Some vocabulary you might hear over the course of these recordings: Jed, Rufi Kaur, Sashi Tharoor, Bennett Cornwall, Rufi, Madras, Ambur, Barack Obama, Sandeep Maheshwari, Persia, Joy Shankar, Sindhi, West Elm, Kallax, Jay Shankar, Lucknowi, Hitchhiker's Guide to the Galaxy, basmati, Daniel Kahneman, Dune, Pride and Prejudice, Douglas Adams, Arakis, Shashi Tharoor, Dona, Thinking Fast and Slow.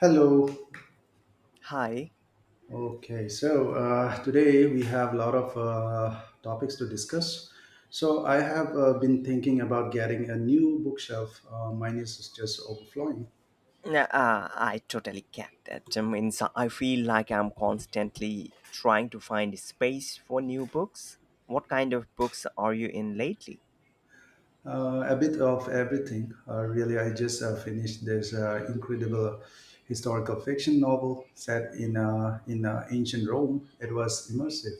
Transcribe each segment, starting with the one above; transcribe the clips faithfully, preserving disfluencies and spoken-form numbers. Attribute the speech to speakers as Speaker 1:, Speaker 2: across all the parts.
Speaker 1: Hello.
Speaker 2: Hi.
Speaker 1: Okay, so uh, today we have a lot of uh, topics to discuss. So I have uh, been thinking about getting a new bookshelf. Uh, mine is just overflowing.
Speaker 2: Nah, Uh, I totally get that. I mean, so I feel like I'm constantly trying to find space for new books. What kind of books are you in lately?
Speaker 1: Uh, a bit of everything. Uh, really, I just uh, finished this uh, incredible historical fiction novel set in uh, in uh, ancient Rome. It was immersive.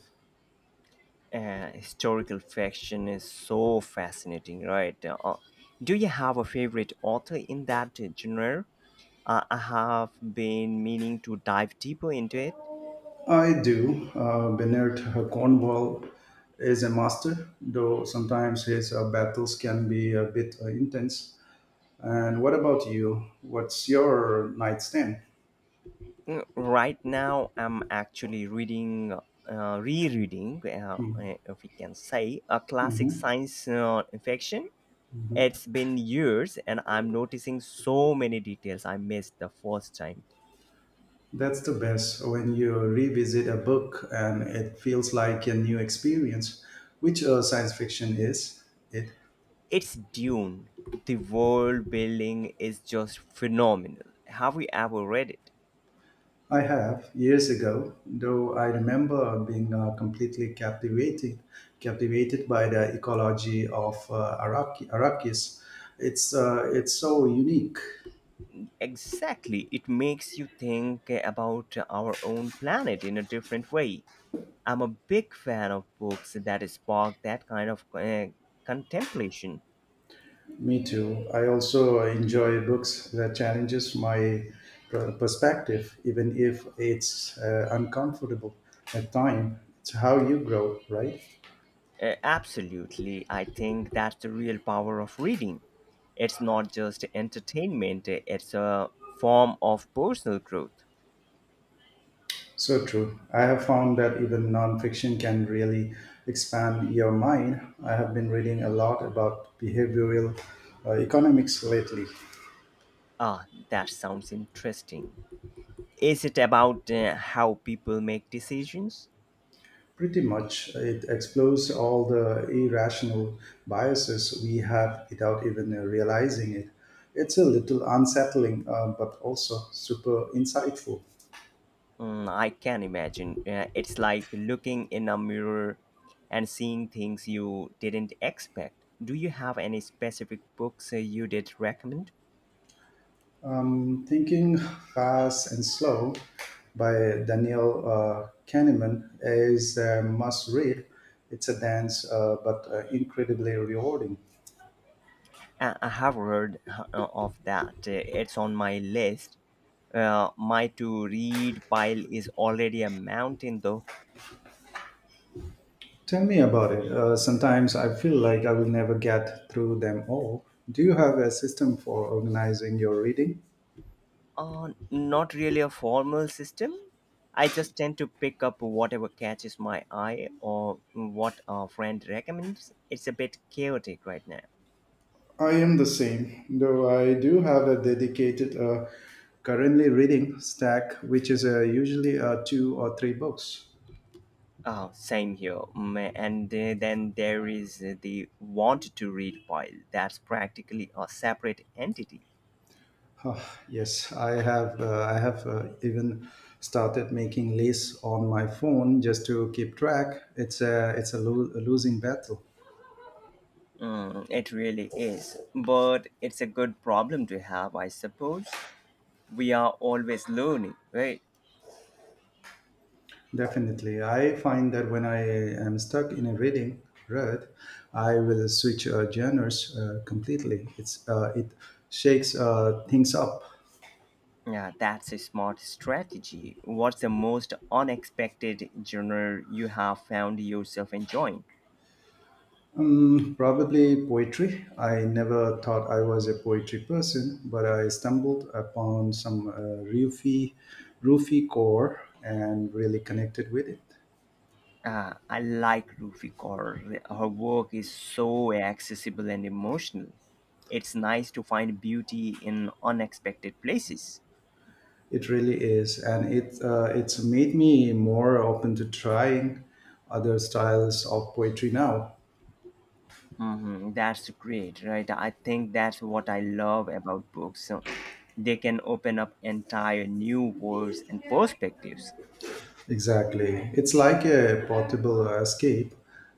Speaker 2: Uh, historical fiction is so fascinating, right? Uh, uh, do you have a favorite author in that genre? Uh, I have been meaning to dive deeper into it.
Speaker 1: I do. Uh, Bennett Cornwall is a master, though sometimes his uh, battles can be a bit uh, intense. And what about you? What's your nightstand?
Speaker 2: Mm. Right now, I'm actually reading, uh, rereading, uh, uh, if we can say, a classic
Speaker 1: Hmm.
Speaker 2: science uh, fiction. It's been years, and I'm noticing so many details I missed the first time.
Speaker 1: That's the best when you revisit a book and it feels like a new experience, which uh, science fiction is. It
Speaker 2: It's Dune. The world building is just phenomenal. Have you ever read it?
Speaker 1: I have years ago, though I remember being uh, completely captivated, captivated by the ecology of uh, Araki, Arakis. It's uh, it's so unique.
Speaker 2: Exactly. It makes you think about our own planet in a different way. I'm a big fan of books that spark that kind of uh, contemplation.
Speaker 1: Me too. I also enjoy books that challenges my per- perspective, even if it's uh, uncomfortable at time. It's how you grow, right?
Speaker 2: Uh, absolutely. I think that's the real power of reading. It's not just entertainment, it's a form of personal growth.
Speaker 1: So true. I have found that even nonfiction can really expand your mind. I have been reading a lot about behavioral uh, economics lately.
Speaker 2: Ah, that sounds interesting. Is it about uh, how people make decisions?
Speaker 1: Pretty much, it explores all the irrational biases we have without even uh, realizing it. It's a little unsettling, uh, but also super insightful.
Speaker 2: Mm, I can imagine. Uh, it's like looking in a mirror and seeing things you didn't expect. Do you have any specific books uh, you did recommend?
Speaker 1: Um, Thinking Fast and Slow by Daniel uh, Kahneman is a must read. It's a dance, uh, but uh, incredibly rewarding.
Speaker 2: Uh, I have heard uh, of that. Uh, It's on my list. Uh, my to read pile is already a mountain, though.
Speaker 1: Tell me about it. Uh, sometimes I feel like I will never get through them all. Do you have a system for organizing your reading?
Speaker 2: Uh, not really a formal system. I just tend to pick up whatever catches my eye or what a friend recommends. It's a bit chaotic right now.
Speaker 1: I am the same, though I do have a dedicated uh, currently reading stack, which is uh, usually uh, two or three books.
Speaker 2: Oh, same here. Mm. And uh, then there is the want to read file. That's practically a separate entity.
Speaker 1: Huh, yes, I have. Uh, I have uh, even started making lists on my phone just to keep track. It's a it's a, lo- a losing battle.
Speaker 2: Mm, it really is. But it's a good problem to have, I suppose. We are always learning, right?
Speaker 1: Definitely, I find that when I am stuck in a reading rut, I will switch uh, genres uh, completely. It's uh, it shakes uh, things up.
Speaker 2: Yeah, that's a smart strategy. What's the most unexpected genre you have found yourself enjoying?
Speaker 1: Um, probably poetry. I never thought I was a poetry person, but I stumbled upon some uh, Rufi, Rufi core and really connected with it.
Speaker 2: Uh, I like Rufi Kaur. Her work is so accessible and emotional. It's nice to find beauty in unexpected places.
Speaker 1: It really is, and it uh, it's made me more open to trying other styles of poetry now.
Speaker 2: Mhm, that's great, right? I think that's what I love about books. So they can open up entire new worlds and perspectives.
Speaker 1: Exactly, it's like a portable escape.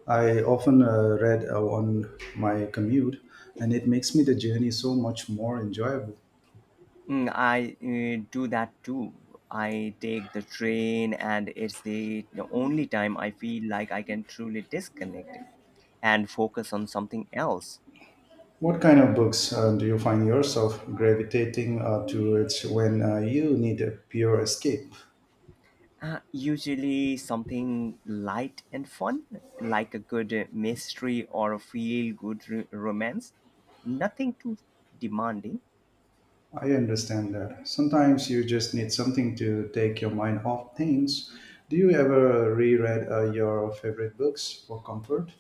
Speaker 1: I often uh, read uh, on my commute, and it makes me the journey so much more enjoyable.
Speaker 2: Mm, I uh, do that too. I take the train, and it's the, the only time I feel like I can truly disconnect and focus on something else.
Speaker 1: What kind of books uh, do you find yourself gravitating uh, towards when uh, you need a pure escape?
Speaker 2: Uh, usually something light and fun, like a good uh, mystery or a feel good r- romance. Nothing too demanding.
Speaker 1: I understand that. Sometimes you just need something to take your mind off things. Do you ever reread uh, your favorite books for comfort?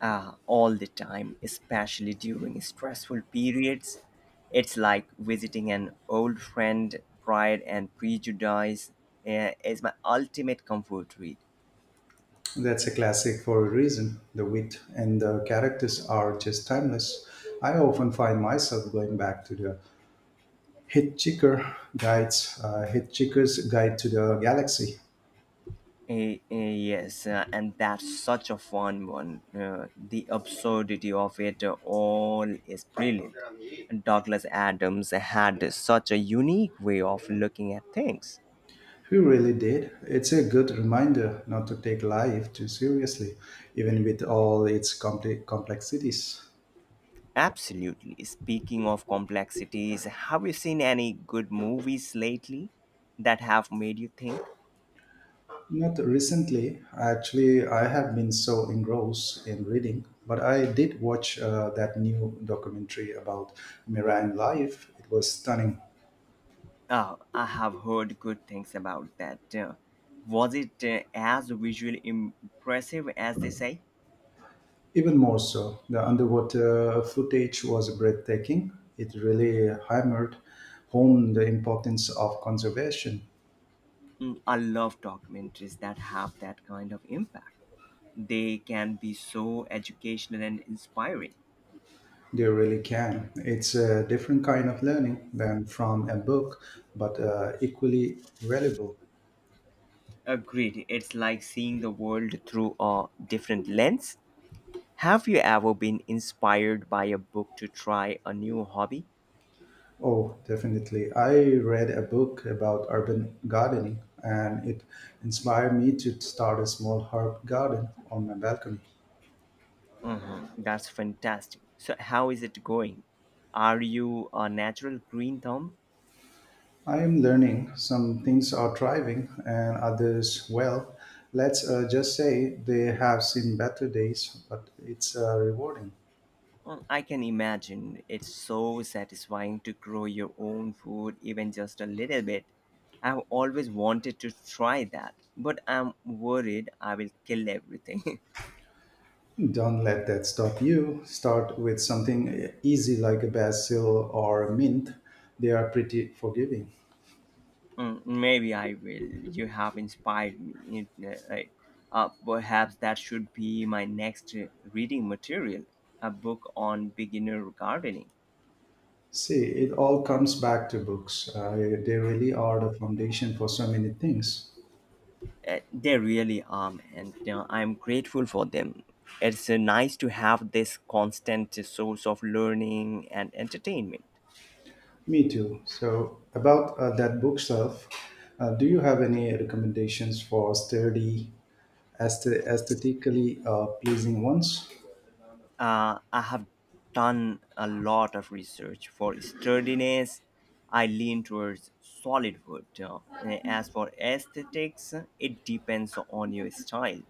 Speaker 2: uh, All the time, especially during stressful periods. It's like visiting an old friend. Pride and Prejudice uh, is my ultimate comfort read.
Speaker 1: That's a classic for a reason. The wit and the characters are just timeless. I often find myself going back to the Hitchhiker guides, uh, Hitchhiker's Guide to the Galaxy.
Speaker 2: Eh, eh, Yes, uh, and that's such a fun one. Uh, the absurdity of it all is brilliant. Douglas Adams had such a unique way of looking at things.
Speaker 1: He really did. It's a good reminder not to take life too seriously, even with all its compli complexities.
Speaker 2: Absolutely. Speaking of complexities, have you seen any good movies lately that have made you think?
Speaker 1: Not recently, actually, I have been so engrossed in reading, but I did watch uh, that new documentary about marine life. It was stunning.
Speaker 2: Oh, I have heard good things about that. Uh, was it uh, as visually impressive as they say?
Speaker 1: Even more so, the underwater footage was breathtaking. It really hammered home the importance of conservation.
Speaker 2: Mm, I love documentaries that have that kind of impact. They can be so educational and inspiring.
Speaker 1: They really can. It's a different kind of learning than from a book, but uh, equally valuable.
Speaker 2: Agreed. It's like seeing the world through a different lens. Have you ever been inspired by a book to try a new hobby?
Speaker 1: Oh, definitely. I read a book about urban gardening and it inspired me to start a small herb garden on my balcony.
Speaker 2: That's fantastic. So, how is it going? Are you a natural green thumb?
Speaker 1: I am learning some things are thriving and others, well, let's uh, just say they have seen better days, but it's uh, rewarding.
Speaker 2: Well, I can imagine it's so satisfying to grow your own food, even just a little bit. I've always wanted to try that, but I'm worried I will kill everything.
Speaker 1: Don't let that stop you. Start with something easy like a basil or mint. They are pretty forgiving.
Speaker 2: Mm, maybe I will. You have inspired me. You- Uh, right. Uh, perhaps that should be my next uh, reading material, a book on beginner gardening.
Speaker 1: See, it all comes back to books. Uh, they really are the foundation for so many things.
Speaker 2: Uh, They really are, and uh, I'm grateful for them. It's uh, nice to have this constant source of learning and entertainment.
Speaker 1: Me too. So, about uh, that bookshelf, uh, do you have any recommendations for sturdy, aesthe- aesthetically uh, pleasing ones?
Speaker 2: Uh, I have done a lot of research for sturdiness. I lean towards solid wood. Uh, as for aesthetics, it depends on your style.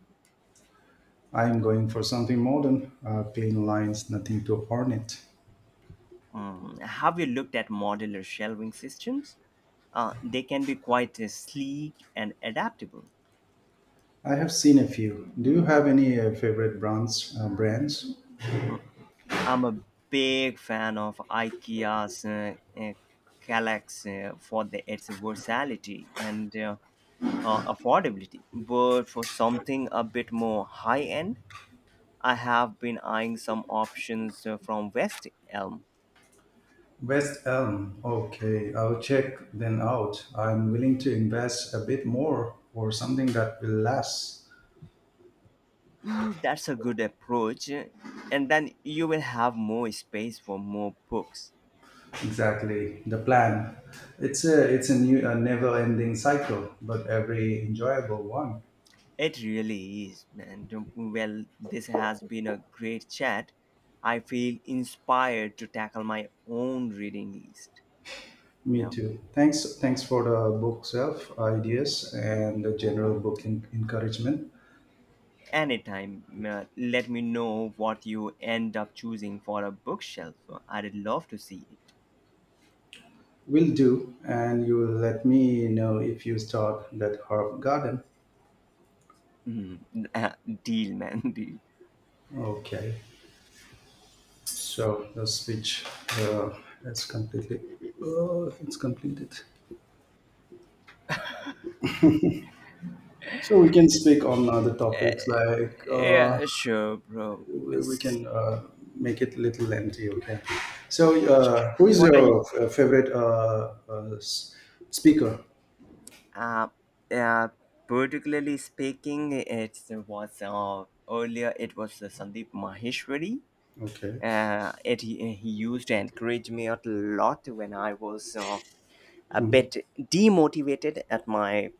Speaker 1: I am going for something modern, uh, plain lines, nothing too ornate.
Speaker 2: Mm, have you looked at modular shelving systems? Uh, they can be quite uh, sleek and adaptable.
Speaker 1: I have seen a few. Do you have any uh, favorite brands? Uh, brands?
Speaker 2: I'm a big fan of IKEA's uh, uh, Kallax, uh, for the, its versatility and uh, uh, affordability. But for something a bit more high end, I have been eyeing some options uh, from West Elm.
Speaker 1: West Elm. Okay, I'll check them out. I'm willing to invest a bit more for something that will last.
Speaker 2: Mm, that's a good approach, uh, and then you will have more space for more books.
Speaker 1: Exactly the plan. It's a it's a new a never-ending cycle, but every enjoyable one.
Speaker 2: It really is. And um, well, this has been a great chat. I feel inspired to tackle my own reading list.
Speaker 1: Me
Speaker 2: Now,
Speaker 1: too. Thanks thanks for the book self ideas and the general book en- encouragement.
Speaker 2: anytime, uh, let me know what you end up choosing for a bookshelf. I'd love to see it.
Speaker 1: Will do, and you will let me know if you start that herb garden.
Speaker 2: Mhm. Deal, man. Deal.
Speaker 1: Okay, so the switch uh, is completely uh, it's completed. So we can speak on other topics like uh,
Speaker 2: Yeah, sure, bro.
Speaker 1: we we
Speaker 2: It's-
Speaker 1: can uh, make it a little lengthy. Okay. So uh, who is
Speaker 2: What are you?
Speaker 1: your f- favorite uh, uh, s- speaker?
Speaker 2: Uh, uh, Particularly speaking, it was uh, earlier. It was uh, Sandeep Maheshwari.
Speaker 1: Okay.
Speaker 2: Uh, it he he used to encourage me a lot when I was uh, a
Speaker 1: Hmm.
Speaker 2: bit demotivated at my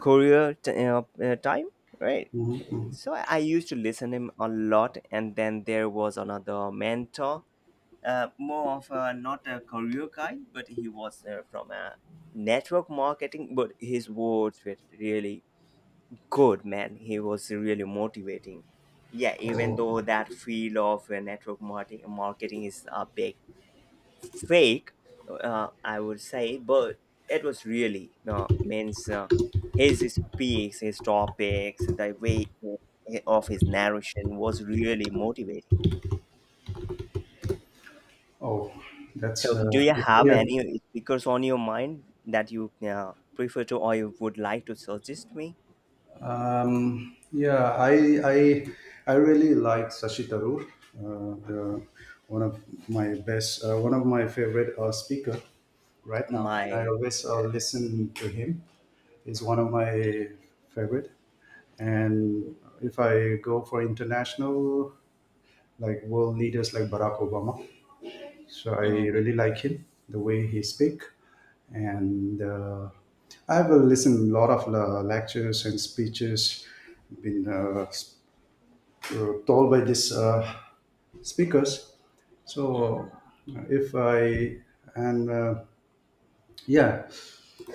Speaker 2: career t- uh, uh, time, right?
Speaker 1: Hmm.
Speaker 2: So I used to listen him a lot, and then there was another mentor, uh, more of a, not a career guy, but he was uh, from a network marketing. But his words were really good, man. He was really motivating. Yeah, even
Speaker 1: Oh,
Speaker 2: though that field of uh, network marketing marketing is a big fake, uh, I would say, but it was really uh, means, uh, his speaks, his topics, the way of his narration was really motivating.
Speaker 1: oh, that's
Speaker 2: So, do
Speaker 1: uh,
Speaker 2: you
Speaker 1: good to
Speaker 2: have
Speaker 1: hear.
Speaker 2: any speakers on your mind that you uh, prefer to or you would like to suggest me?
Speaker 1: Um, yeah, I I I really like Sashi Tharoor, uh, the one of my best, uh, one of my favorite uh, speaker right now, and I
Speaker 2: My
Speaker 1: always uh,
Speaker 2: God.
Speaker 1: listen to him. He's one of my favorite. And if I go for international, like world leaders like Barack Obama, so I
Speaker 2: Mm,
Speaker 1: really like him, the way he speak, and uh, I have listened a lot of uh, lectures and speeches been uh, s- uh, told by these uh, speakers. So
Speaker 2: mhm.
Speaker 1: uh, if I and uh, yeah,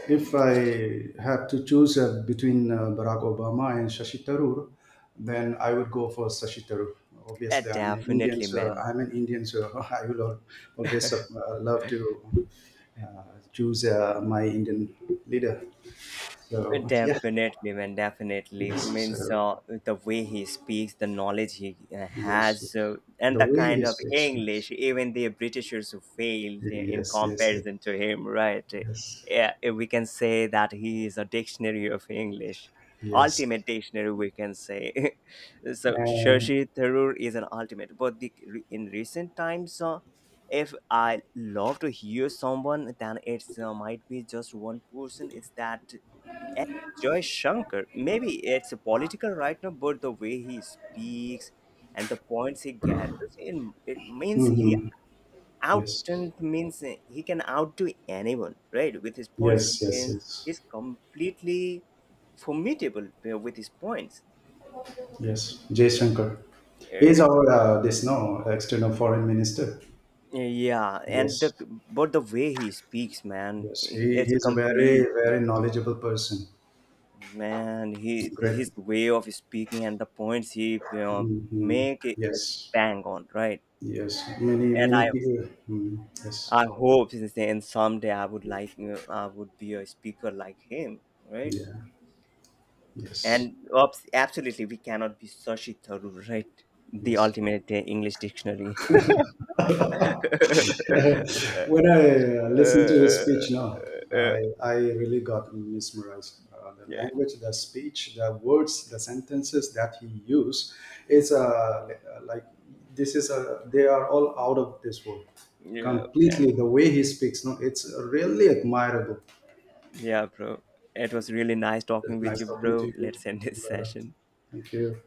Speaker 1: if I have to choose uh, between uh, Barack Obama and Shashi Tharoor, then I would go for Shashi Tharoor.
Speaker 2: Uh,
Speaker 1: Obviously, I'm an Indian,
Speaker 2: definitely,
Speaker 1: so
Speaker 2: man.
Speaker 1: I'm an Indian, so I will al- always uh, love to uh, choose uh, my Indian leader. So yeah,
Speaker 2: Definitely, man, definitely.
Speaker 1: yes,
Speaker 2: Means,
Speaker 1: so
Speaker 2: uh, the way he speaks, the knowledge he uh,
Speaker 1: yes, yes.
Speaker 2: has, uh, and
Speaker 1: The
Speaker 2: the
Speaker 1: way he
Speaker 2: kind of
Speaker 1: speaks,
Speaker 2: English, even the Britishers who failed
Speaker 1: yes,
Speaker 2: in
Speaker 1: yes, yes, yes,
Speaker 2: comparison to him, right?
Speaker 1: yes,
Speaker 2: Yeah, we can say that he is a dictionary of English,
Speaker 1: yes,
Speaker 2: ultimate dictionary, we can say. So,
Speaker 1: and
Speaker 2: Shashi Tharoor is an ultimate. But the, in recent times, uh, if I love to hear someone, then it's uh, might be just one person. Is that, and Joy Shankar, maybe it's political right now, but the way he speaks and the points he gathers, it, it means he
Speaker 1: mhm,
Speaker 2: out
Speaker 1: yes,
Speaker 2: and means he can outdo anyone, right? With his points,
Speaker 1: yes, yes,
Speaker 2: means
Speaker 1: yes.
Speaker 2: he's completely formidable uh, with his points.
Speaker 1: Yes, Jay Shankar. He is
Speaker 2: Yeah,
Speaker 1: our uh, this no external foreign minister.
Speaker 2: yeah, and
Speaker 1: Yes,
Speaker 2: the but the way he speaks, man,
Speaker 1: yes, he he
Speaker 2: it's
Speaker 1: is a very
Speaker 2: complete.
Speaker 1: very knowledgeable person.
Speaker 2: Man, he
Speaker 1: Great.
Speaker 2: his way of speaking and the points he you know,
Speaker 1: Hmm.
Speaker 2: make it
Speaker 1: Yes,
Speaker 2: bang on, right?
Speaker 1: yes. Many
Speaker 2: and I
Speaker 1: many people. Mm, yes,
Speaker 2: I hope since then someday I would like, uh, I would be a speaker like him, right?
Speaker 1: yeah, yes,
Speaker 2: And obs- absolutely, we cannot be Sashi Tharoor, right? The
Speaker 1: yes.
Speaker 2: ultimate uh, English dictionary.
Speaker 1: When I uh, listen to his
Speaker 2: Uh,
Speaker 1: speech now,
Speaker 2: uh,
Speaker 1: I, I really got mesmerized. Uh, the
Speaker 2: yeah,
Speaker 1: language, the speech, the words, the sentences that he used is uh, like this is a they are all out of this world
Speaker 2: yeah, man.
Speaker 1: completely. The way he speaks, no, it's really admirable.
Speaker 2: Yeah, bro. It was really nice talking
Speaker 1: It's
Speaker 2: with
Speaker 1: nice
Speaker 2: you,
Speaker 1: talking to
Speaker 2: bro.
Speaker 1: you,
Speaker 2: Let's end this
Speaker 1: brother.
Speaker 2: session.
Speaker 1: Thank you.